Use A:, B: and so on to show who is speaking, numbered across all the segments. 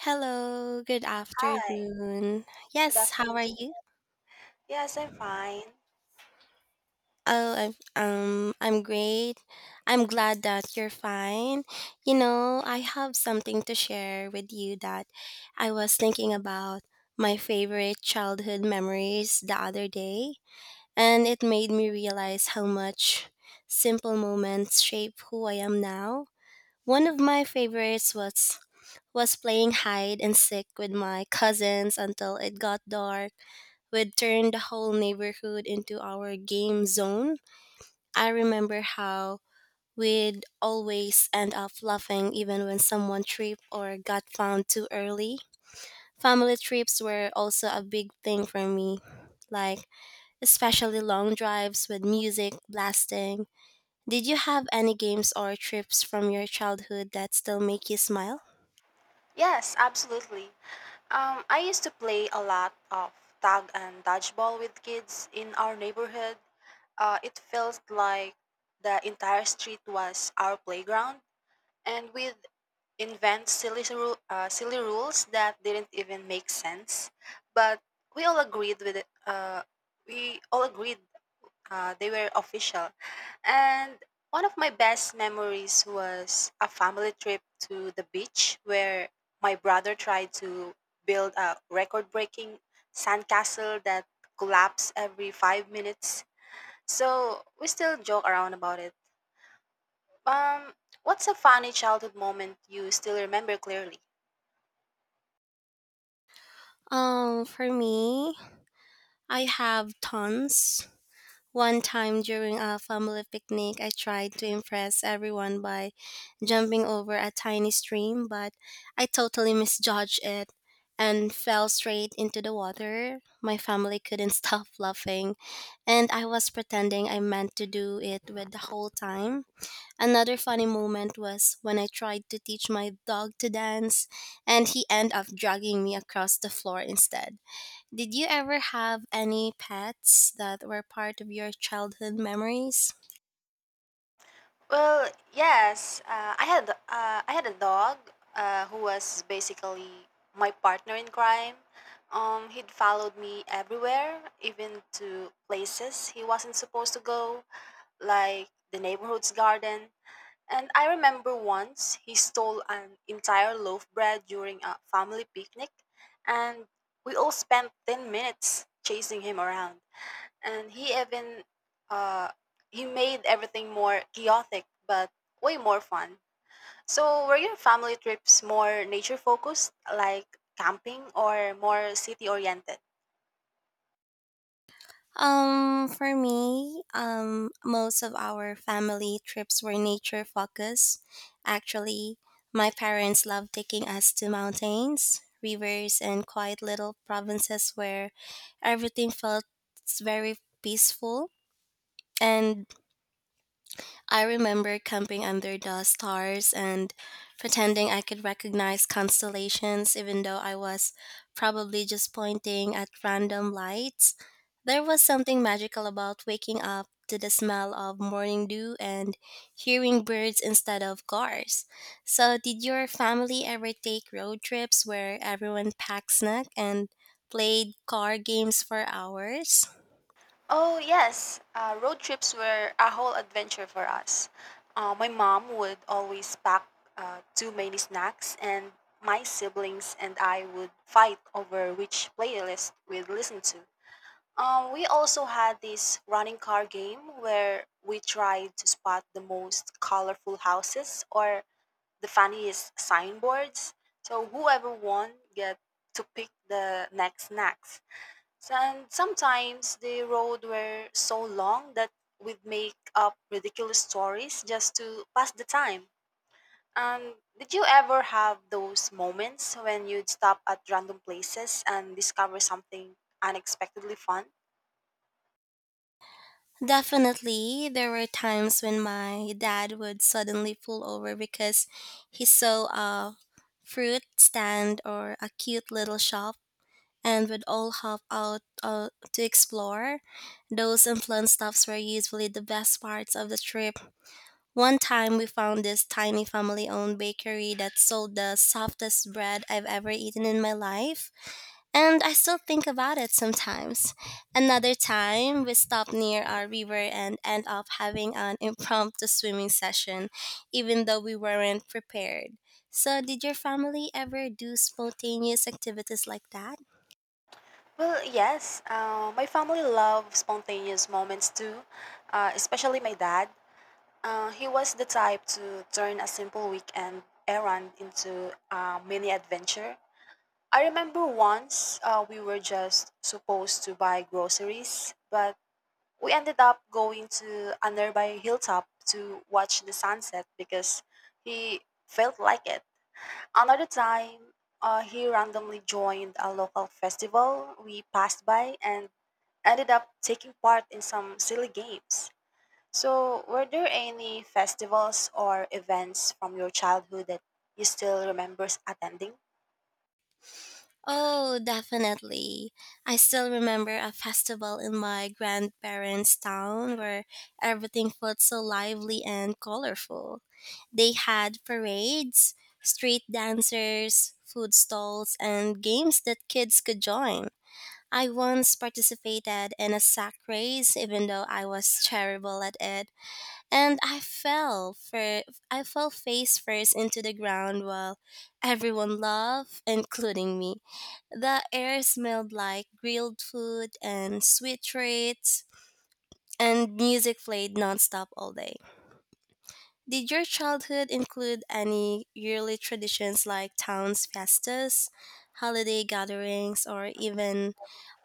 A: Hello, good
B: Hi,
A: afternoon.
B: good
A: Yes, how
B: afternoon
A: are
B: to you.
A: you?
B: Yes, I'm fine.
A: Oh, I'm great. I'm glad that you're fine. You know, I have something to share with you that I was thinking about my favorite childhood memories the other day, and it made me realize how much simple moments shape who I am now. One of my favorites was playing hide and seek with my cousins until it got dark. We'd turn the whole neighborhood into our game zone. I remember how we'd always end up laughing even when someone tripped or got found too early. Family trips were also a big thing for me, like especially long drives with music blasting. Did you have any games or trips from your childhood that still make you smile?
B: Yes, absolutely. I used to play a lot of tag and dodgeball with kids in our neighborhood. It felt like the entire street was our playground, and we'd invent silly rules that didn't even make sense. But we all agreed with it. We all agreed They were official. And one of my best memories was a family trip to the beach where my brother tried to build a record breaking sandcastle that collapsed every 5 minutes. So we still joke around about it. Um, what's a funny childhood moment you still remember clearly?
A: For me, I have tons. One time during a family picnic, I tried to impress everyone by jumping over a tiny stream, but I totally misjudged it and fell straight into the water. My family couldn't stop laughing, and I was pretending I meant to do it with the whole time. Another funny moment was when I tried to teach my dog to dance, and he ended up dragging me across the floor instead. Did you ever have any pets that were part of your childhood memories?
B: Well, yes. I had a dog who was basically my partner in crime. He'd followed me everywhere, even to places he wasn't supposed to go, like the neighborhood's garden. And I remember once he stole an entire loaf bread during a family picnic, and we all spent 10 minutes chasing him around, and he even uh, he made everything more chaotic but way more fun. So were your family trips more nature focused, like camping, or more city oriented?
A: For me, most of our family trips were nature focused. Actually, my parents loved taking us to mountains, rivers, and quiet little provinces where everything felt very peaceful. And I remember camping under the stars and pretending I could recognize constellations, even though I was probably just pointing at random lights. There was something magical about waking up to the smell of morning dew and hearing birds instead of cars. So, did your family ever take road trips where everyone packed snack and played car games for hours?
B: Oh yes, road trips were a whole adventure for us. My mom would always pack too many snacks, and my siblings and I would fight over which playlist we'd listen to. We also had this running car game where we tried to spot the most colorful houses or the funniest signboards. So whoever won get to pick the next snacks. So, and sometimes the road were so long that we'd make up ridiculous stories just to pass the time. And did you ever have those moments when you'd stop at random places and discover something unexpectedly fun?
A: Definitely, there were times when my dad would suddenly pull over because he saw a fruit stand or a cute little shop and would all hop out to explore. Those unplanned stops were usually the best parts of the trip. One time we found this tiny family owned bakery that sold the softest bread I've ever eaten in my life and I still think about it sometimes. Another time, we stopped near our river and end up having an impromptu swimming session, even though we weren't prepared. So, did your family ever do spontaneous activities like that?
B: Well, yes. My family love spontaneous moments too, especially my dad. He was the type to turn a simple weekend errand into a mini adventure. I remember once we were just supposed to buy groceries, but we ended up going to a nearby hilltop to watch the sunset because he felt like it. Another time, he randomly joined a local festival we passed by and ended up taking part in some silly games. So, were there any festivals or events from your childhood that you still remember attending?
A: Oh, definitely. I still remember a festival in my grandparents' town where everything felt so lively and colorful. They had parades, street dancers, food stalls, and games that kids could join. I once participated in a sack race, even though I was terrible at it and I fell face first into the ground while everyone laughed, including me. The air smelled like grilled food and sweet treats, and music played nonstop all day. Did your childhood include any yearly traditions like towns festas, holiday gatherings,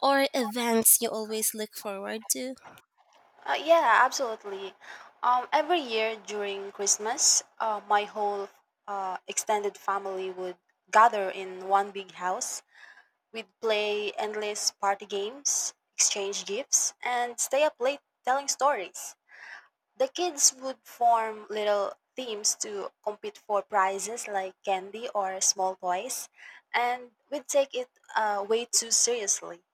A: or events you always look forward to?
B: Yeah, absolutely. Every year during Christmas, my whole extended family would gather in one big house. We'd play endless party games, exchange gifts, and stay up late telling stories. The kids would form little teams to compete for prizes like candy or small toys, and we'd take it way too seriously.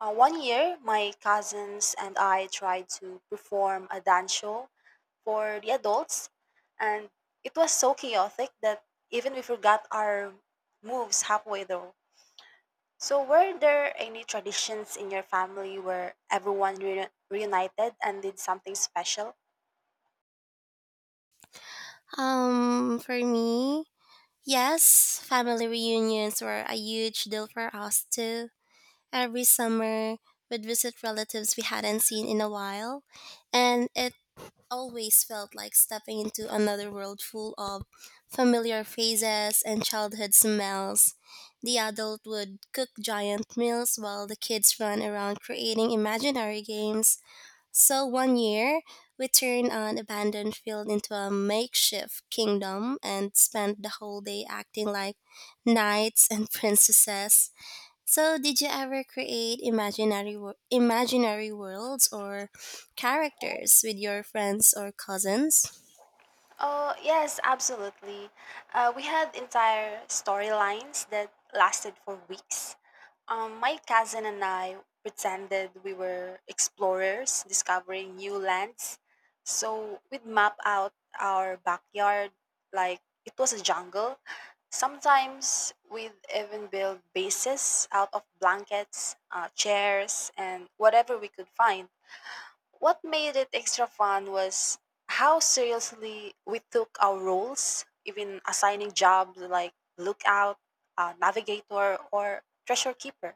B: One year, my cousins and I tried to perform a dance show for the adults, and it was so chaotic that even we forgot our moves halfway through. So, were there any traditions in your family where everyone reunited and did something special?
A: For me, yes, family reunions were a huge deal for us too. Every summer, we'd visit relatives we hadn't seen in a while, and it always felt like stepping into another world full of familiar faces and childhood smells. The adult would cook giant meals while the kids ran around creating imaginary games, so one year, we turned an abandoned field into a makeshift kingdom and spent the whole day acting like knights and princesses. So, did you ever create imaginary worlds or characters with your friends or cousins?
B: Oh, yes, absolutely. We had entire storylines that lasted for weeks. My cousin and I pretended we were explorers discovering new lands. So we'd map out our backyard like it was a jungle. Sometimes we'd even build bases out of blankets, chairs, and whatever we could find. What made it extra fun was how seriously we took our roles, even assigning jobs like lookout, navigator, or treasure keeper.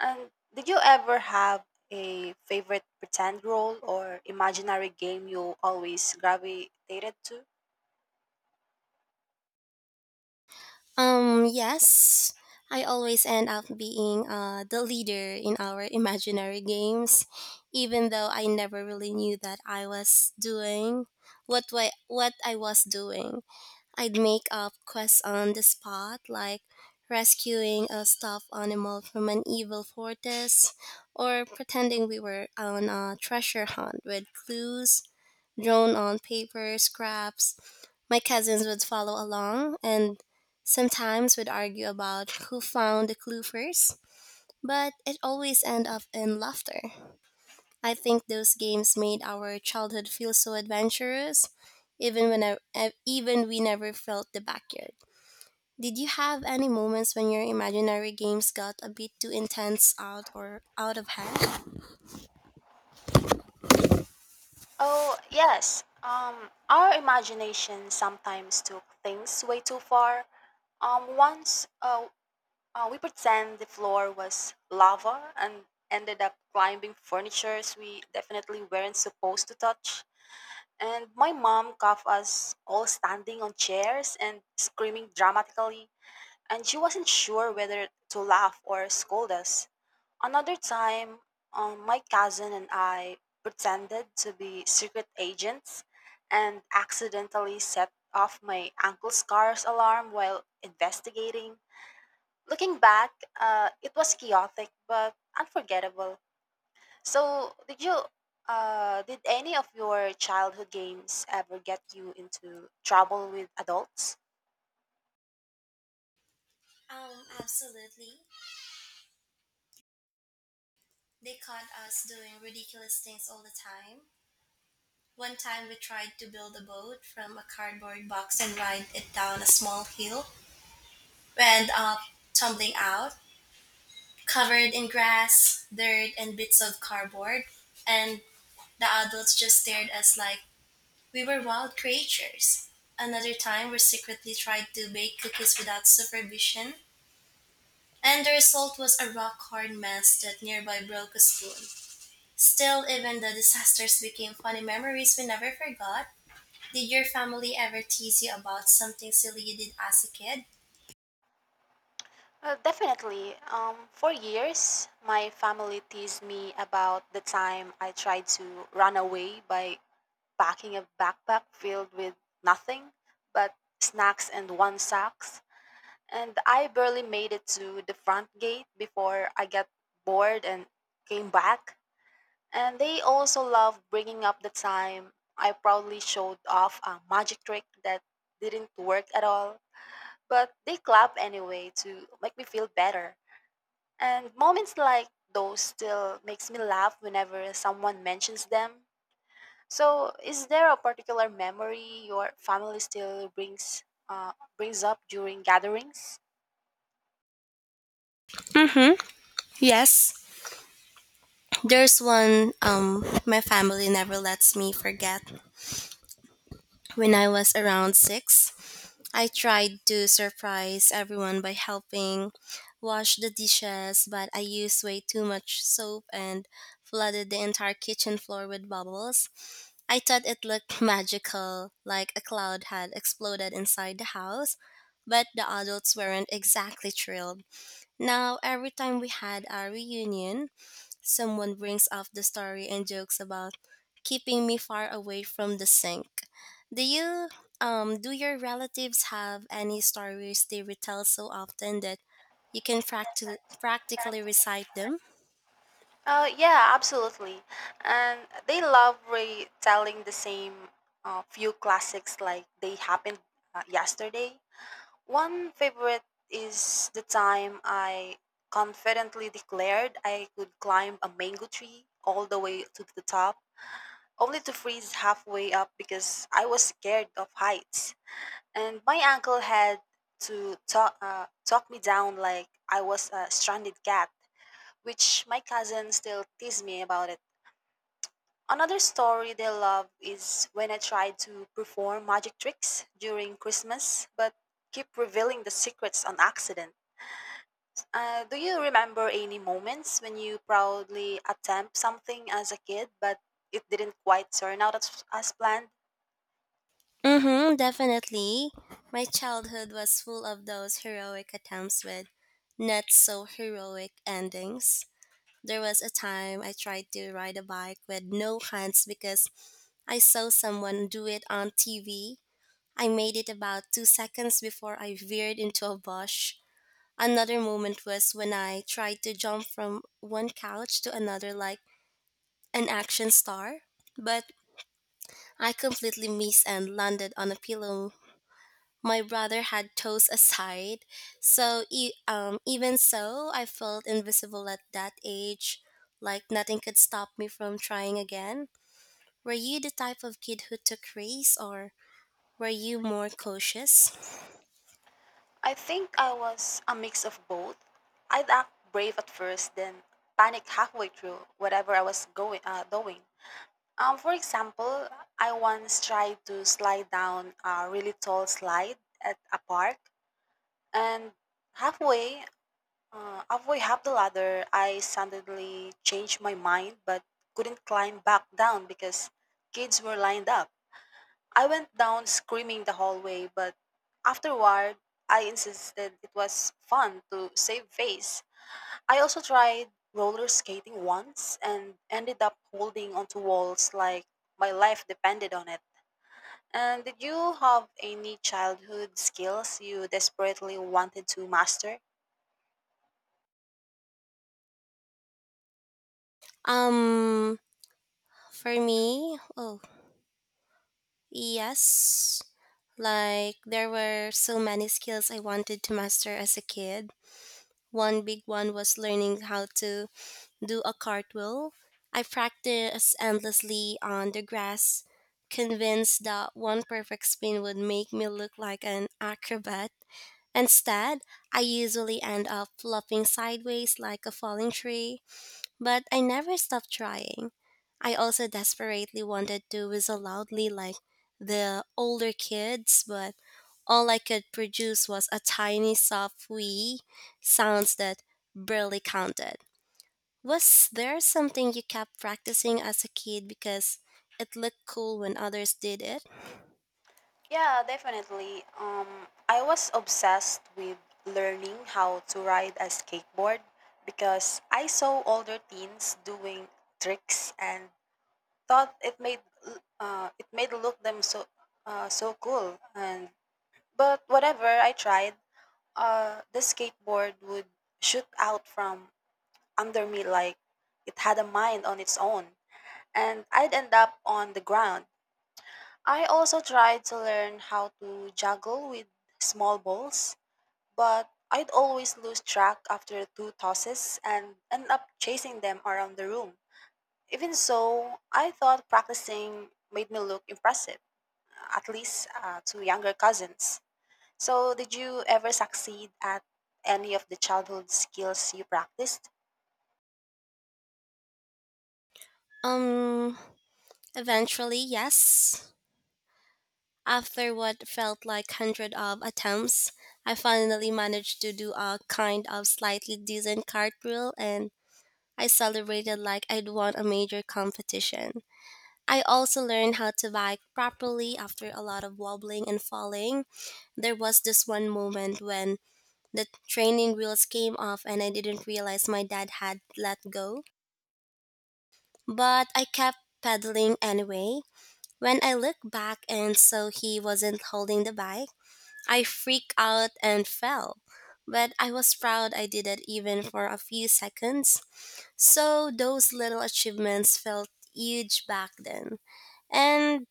B: And did you ever have a favorite pretend role or imaginary game you always gravitated to?
A: Yes. I always end up being the leader in our imaginary games, even though I never really knew that I was doing what I was doing. I'd make up quests on the spot, like rescuing a stuffed animal from an evil fortress, or pretending we were on a treasure hunt with clues drawn on paper, scraps. My cousins would follow along and sometimes would argue about who found the clue first, but it always ended up in laughter. I think those games made our childhood feel so adventurous, even when even we never felt the backyard. Did you have any moments when your imaginary games got a bit too intense out of hand?
B: Oh, yes. Our imagination sometimes took things way too far. Once we pretend the floor was lava and ended up climbing furnitures we definitely weren't supposed to touch. And my mom caught us all standing on chairs and screaming dramatically, and she wasn't sure whether to laugh or scold us. Another time, my cousin and I pretended to be secret agents and accidentally set off my uncle's car's alarm while investigating. Looking back, it was chaotic but unforgettable. So, did any of your childhood games ever get you into trouble with adults?
A: Absolutely. They caught us doing ridiculous things all the time. One time we tried to build a boat from a cardboard box and ride it down a small hill. We end up tumbling out, covered in grass, dirt, and bits of cardboard, and the adults just stared at us like we were wild creatures. Another time we secretly tried to bake cookies without supervision, and the result was a rock hard mess that nearby broke a spoon. Still, even the disasters became funny memories we never forgot. Did your family ever tease you about something silly you did as a kid?
B: Definitely. For years, my family teased me about the time I tried to run away by packing a backpack filled with nothing but snacks and one sock. And I barely made it to the front gate before I got bored and came back. And they also loved bringing up the time I proudly showed off a magic trick that didn't work at all. But they clap anyway to make me feel better. And moments like those still makes me laugh whenever someone mentions them. So, is there a particular memory your family still brings up during gatherings?
A: Mm-hmm. Yes. There's one, my family never lets me forget. When I was around 6, I tried to surprise everyone by helping wash the dishes, but I used way too much soap and flooded the entire kitchen floor with bubbles. I thought it looked magical, like a cloud had exploded inside the house, but the adults weren't exactly thrilled. Now, every time we had our reunion, someone brings up the story and jokes about keeping me far away from the sink. Do you do your relatives have any stories they retell so often that you can practically recite them?
B: Yeah, absolutely. And they love retelling the same few classics like they happened yesterday. One favorite is the time I confidently declared I could climb a mango tree all the way to the top, only to freeze halfway up because I was scared of heights. And my uncle had to talk me down like I was a stranded cat, which my cousin still tease me about it. Another story they love is when I tried to perform magic tricks during Christmas, but keep revealing the secrets on accident. Do you remember any moments when you proudly attempt something as a kid, but it didn't quite turn out as planned?
A: Mm-hmm, definitely. My childhood was full of those heroic attempts with not so heroic endings. There was a time I tried to ride a bike with no hands because I saw someone do it on TV. I made it about 2 seconds before I veered into a bush. Another moment was when I tried to jump from one couch to another like an action star, but I completely missed and landed on a pillow my brother had toes aside. Even so, I felt invisible at that age, like nothing could stop me from trying again. Were you the type of kid who took risks, or were you more cautious?
B: I think I was a mix of both. I'd act brave at first, then panic halfway through whatever I was going doing. For example, I once tried to slide down a really tall slide at a park, and halfway, halfway half the ladder, I suddenly changed my mind but couldn't climb back down because kids were lined up. I went down screaming the whole way, but afterward, I insisted it was fun to save face. I also tried roller skating once and ended up holding onto walls like my life depended on it. And did you have any childhood skills you desperately wanted to master?
A: Um, for me, oh yes, like there were so many skills I wanted to master as a kid. One big one was learning how to do a cartwheel. I practiced endlessly on the grass, convinced that one perfect spin would make me look like an acrobat. Instead, I usually end up flopping sideways like a falling tree. But I never stopped trying. I also desperately wanted to whistle loudly like the older kids, but all I could produce was a tiny soft wee sounds that barely counted. Was there something you kept practicing as a kid because it looked cool when others did it?
B: Yeah, definitely. I was obsessed with learning how to ride a skateboard because I saw older teens doing tricks and thought it made it made look them so so cool. And but whatever I tried, the skateboard would shoot out from under me like it had a mind on its own, and I'd end up on the ground. I also tried to learn how to juggle with small balls, but I'd always lose track after two tosses and end up chasing them around the room. Even so, I thought practicing made me look impressive, at least to younger cousins. So, did you ever succeed at any of the childhood skills you practiced?
A: Um, eventually, yes. After what felt like hundred of attempts, I finally managed to do a kind of slightly decent cartwheel and I celebrated like I'd won a major competition. I also learned how to bike properly after a lot of wobbling and falling. There was this one moment when the training wheels came off and I didn't realize my dad had let go, but I kept pedaling anyway. When I looked back and saw he wasn't holding the bike, I freaked out and fell, but I was proud I did it even for a few seconds. So those little achievements felt huge back then and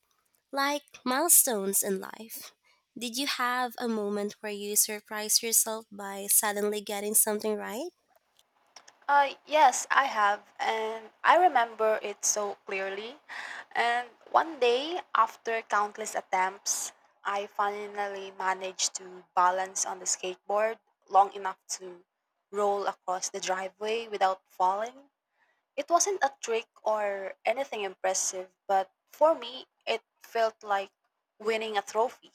A: like milestones in life. Did you have a moment where you surprised yourself by suddenly getting something right?
B: Yes, I have, and I remember it so clearly. And one day, after countless attempts, I finally managed to balance on the skateboard long enough to roll across the driveway without falling. It wasn't a trick or anything impressive, but for me, it felt like winning a trophy.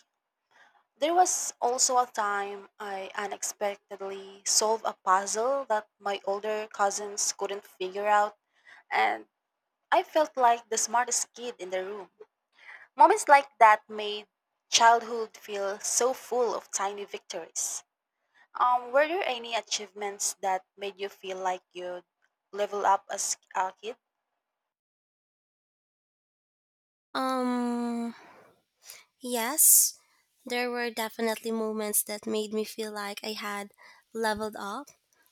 B: There was also a time I unexpectedly solved a puzzle that my older cousins couldn't figure out, and I felt like the smartest kid in the room. Moments like that made childhood feel so full of tiny victories. Were there any achievements that made you feel like you leveled up as a kid?
A: Um, yes, there were definitely moments that made me feel like I had leveled up.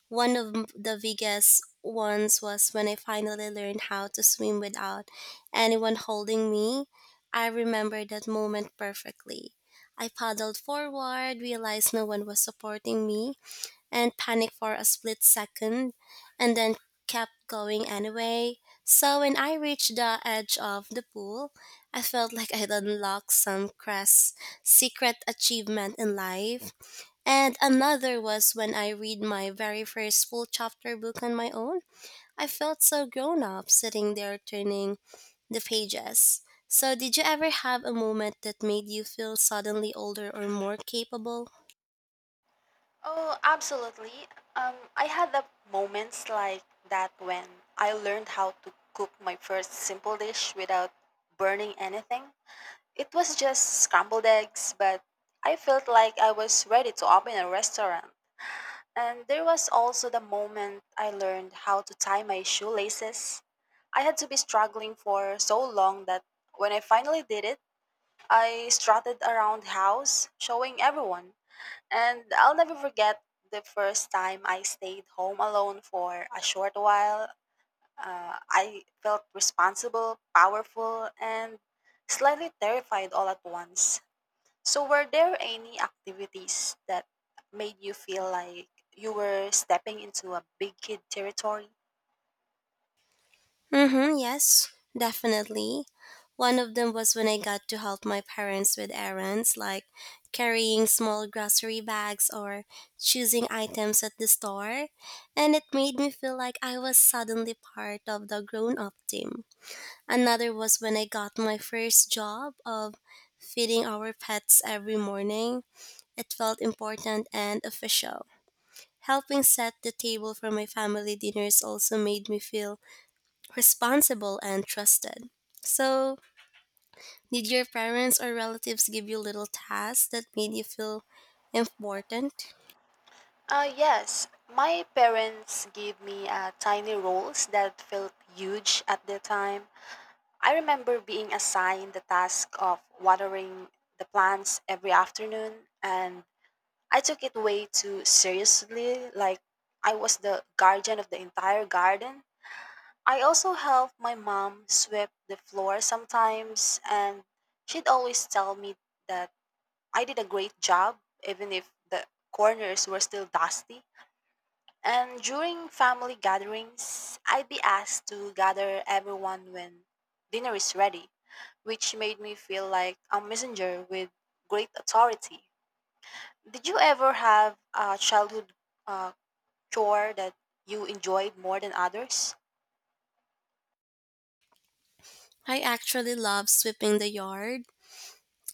A: The biggest ones was when I finally learned how to swim without anyone holding me. I remember that moment perfectly. I paddled forward, realized no one was supporting me, and panicked for a split second and then kept going anyway. So when I reached the edge of the pool, I felt like I'd unlocked some crass secret achievement in life. And another was when I read my very first full chapter book on my own. I felt so grown up sitting there turning the pages. So, did you ever have a moment that made you feel suddenly older or more capable?
B: Oh, absolutely. I had the moments like that when I learned how to cook my first simple dish without burning anything. It was just scrambled eggs, but I felt like I was ready to open a restaurant. And there was also the moment I learned how to tie my shoelaces. I had to be struggling for so long that when I finally did it, I strutted around the house, showing everyone. And I'll never forget the first time I stayed home alone for a short while. I felt responsible, powerful, and slightly terrified all at once. So, were there any activities that made you feel like you were stepping into a big kid territory?
A: Mm-hmm, yes, definitely. One of them was when I got to help my parents with errands like carrying small grocery bags or choosing items at the store, and it made me feel like I was suddenly part of the grown up team. Another was when I got my first job of feeding our pets every morning. It felt important and official. Helping set the table for my family dinners also made me feel responsible and trusted. So, did your parents or relatives give you little tasks that made you feel important?
B: Yes, my parents gave me tiny roles that felt huge at the time. I remember being assigned the task of watering the plants every afternoon, and I took it way too seriously, like I was the guardian of the entire garden. I also helped my mom sweep the floor sometimes, and she'd always tell me that I did a great job, even if the corners were still dusty. And during family gatherings, I'd be asked to gather everyone when dinner is ready, which made me feel like a messenger with great authority. Did you ever have a childhood uh, chore that you enjoyed more than others?
A: I actually love sweeping the yard,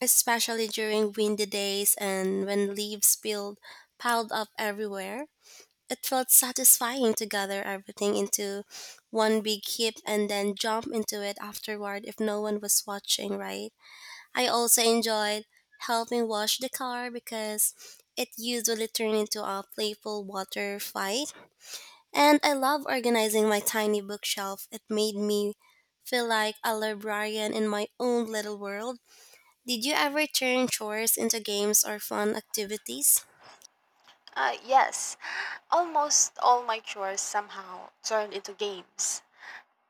A: especially during windy days and when leaves spilled piled up everywhere. It felt satisfying to gather everything into one big heap and then jump into it afterward if no one was watching, right? I also enjoyed helping wash the car because it usually turned into a playful water fight. And I love organizing my tiny bookshelf. It made me feel like a librarian in my own little world. Did you ever turn chores into games or fun activities?
B: Yes, almost all my chores somehow turned into games.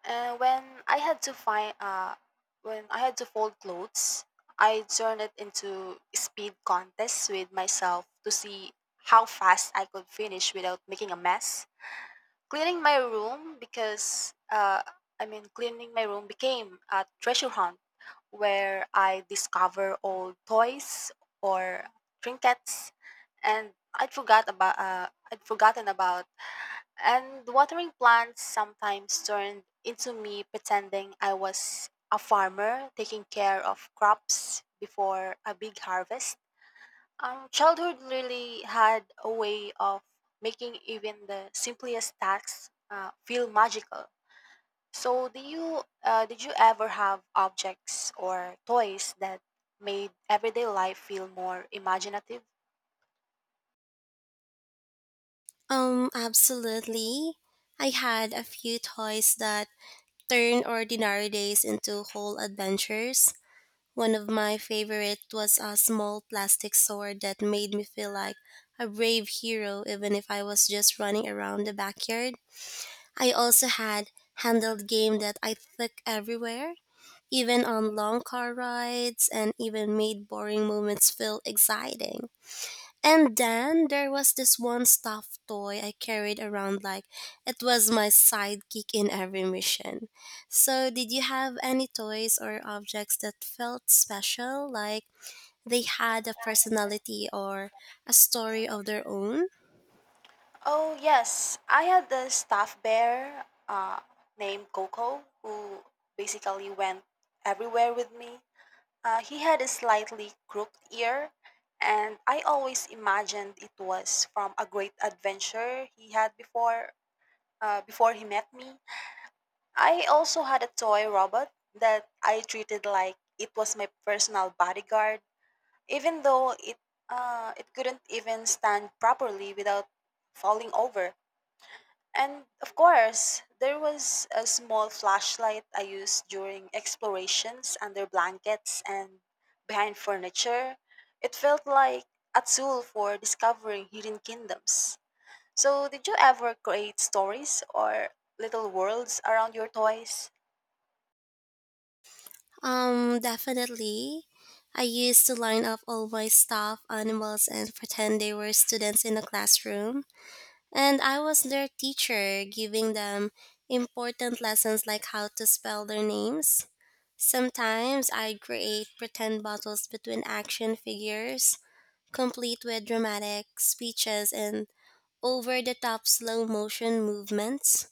B: Uh, when I had to find, uh, when I had to fold clothes, I turned it into speed contests with myself to see how fast I could finish without making a mess. Cleaning my room because, uh, Cleaning my room became a treasure hunt where I discover old toys or trinkets, and I'd forgotten about. And watering plants sometimes turned into me pretending I was a farmer taking care of crops before a big harvest. Childhood really had a way of making even the simplest tasks feel magical. So, do you did you ever have objects or toys that made everyday life feel more imaginative?
A: Absolutely. I had a few toys that turned ordinary days into whole adventures. One of my favorite was a small plastic sword that made me feel like a brave hero even if I was just running around the backyard. I also had handheld game that I took everywhere, even on long car rides and even made boring moments feel exciting. And then there was this one stuffed toy I carried around like it was my sidekick in every mission. So, did you have any toys or objects that felt special, like they had a personality or a story of their own?
B: Oh, yes. I had the staff bear named Coco who basically went everywhere with me. He had a slightly crooked ear, and I always imagined it was from a great adventure he had before. Before he met me, I also had a toy robot that I treated like it was my personal bodyguard, even though it couldn't even stand properly without falling over. And of course, there was a small flashlight I used during explorations under blankets and behind furniture. It felt like a tool for discovering hidden kingdoms. So, did you ever create stories or little worlds around your toys?
A: Definitely. I used to line up all my stuffed animals and pretend they were students in the classroom. And I was their teacher, giving them important lessons like how to spell their names. Sometimes I'd create pretend battles between action figures, complete with dramatic speeches and over the top slow motion movements.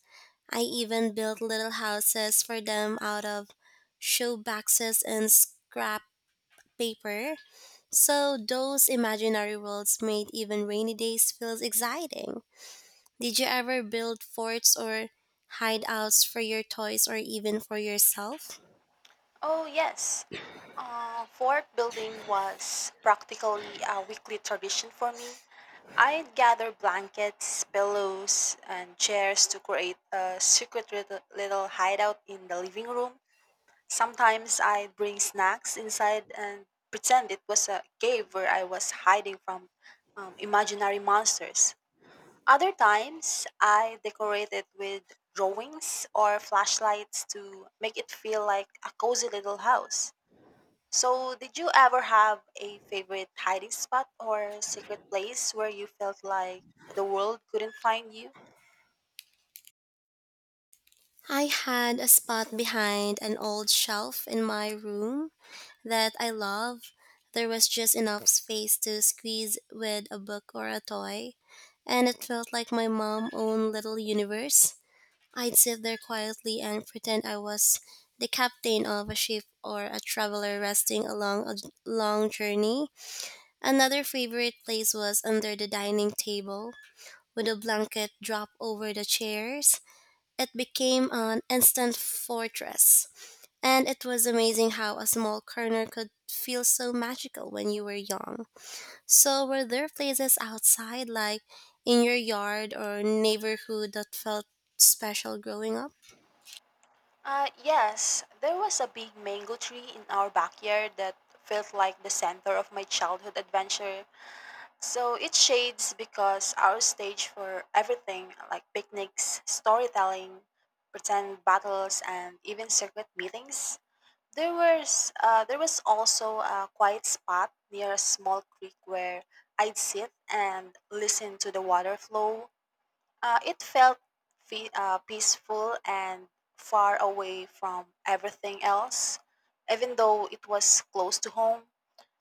A: I even built little houses for them out of shoe boxes and scrap paper. So those imaginary worlds made even rainy days feel exciting. Did you ever build forts or hideouts for your toys or even for yourself?
B: Oh, yes. Fort building was practically a weekly tradition for me. I'd gather blankets, pillows, and chairs to create a secret little hideout in the living room. Sometimes I'd bring snacks inside and pretend it was a cave where I was hiding from imaginary monsters. Other times, I decorated with drawings or flashlights to make it feel like a cozy little house. So, did you ever have a favorite hiding spot or secret place where you felt like the world couldn't find you?
A: I had a spot behind an old shelf in my room that I love. There was just enough space to squeeze with a book or a toy, and it felt like my mom's own little universe. I'd sit there quietly and pretend I was the captain of a ship or a traveler resting along a long journey. Another favorite place was under the dining table, with a blanket draped over the chairs. It became an instant fortress and it was amazing how a small corner could feel so magical when you were young. So, were there places outside, like in your yard or neighborhood, that felt special growing up?
B: Yes, there was a big mango tree in our backyard that felt like the center of my childhood adventure. So, it shades because our stage for everything like picnics, storytelling, pretend battles, and even secret meetings. There was also a quiet spot near a small creek where I'd sit and listen to the water flow. It felt peaceful and far away from everything else, even though it was close to home.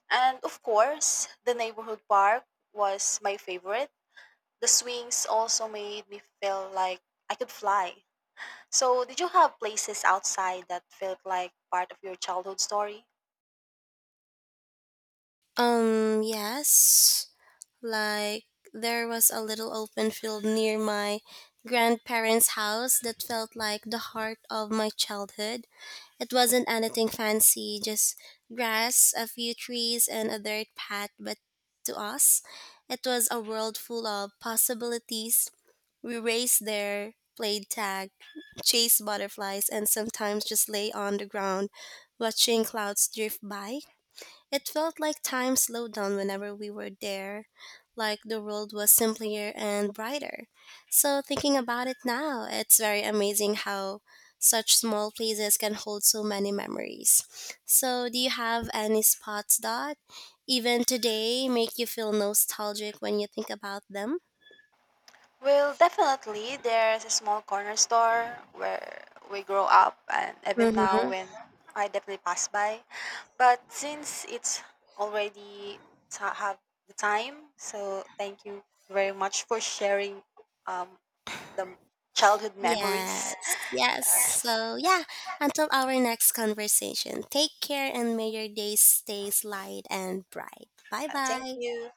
B: And of course, the neighborhood park was my favorite. The swings also made me feel like I could fly. So, did you have places outside that felt like part of your childhood story?
A: Yes. Like, there was a little open field near my grandparents' house that felt like the heart of my childhood. It wasn't anything fancy, just grass, a few trees, and a dirt path, but to us, it was a world full of possibilities. We raced there, played tag, chased butterflies, and sometimes just lay on the ground watching clouds drift by. It felt like time slowed down whenever we were there, like the world was simpler and brighter. So, thinking about it now, it's very amazing how such small places can hold so many memories. So, do you have any spots that, even today, make you feel nostalgic when you think about them?
B: Well, definitely, there's a small corner store where we grow up, and even now,
A: Mm-hmm.
B: when I definitely pass by. But since it's already have the time, so thank you very much for sharing um, the childhood memories.
A: Yes, yes.
B: Yes,
A: So, yeah, until our next conversation, take care and may your day stays light and bright. Bye
B: Thank
A: bye.
B: you.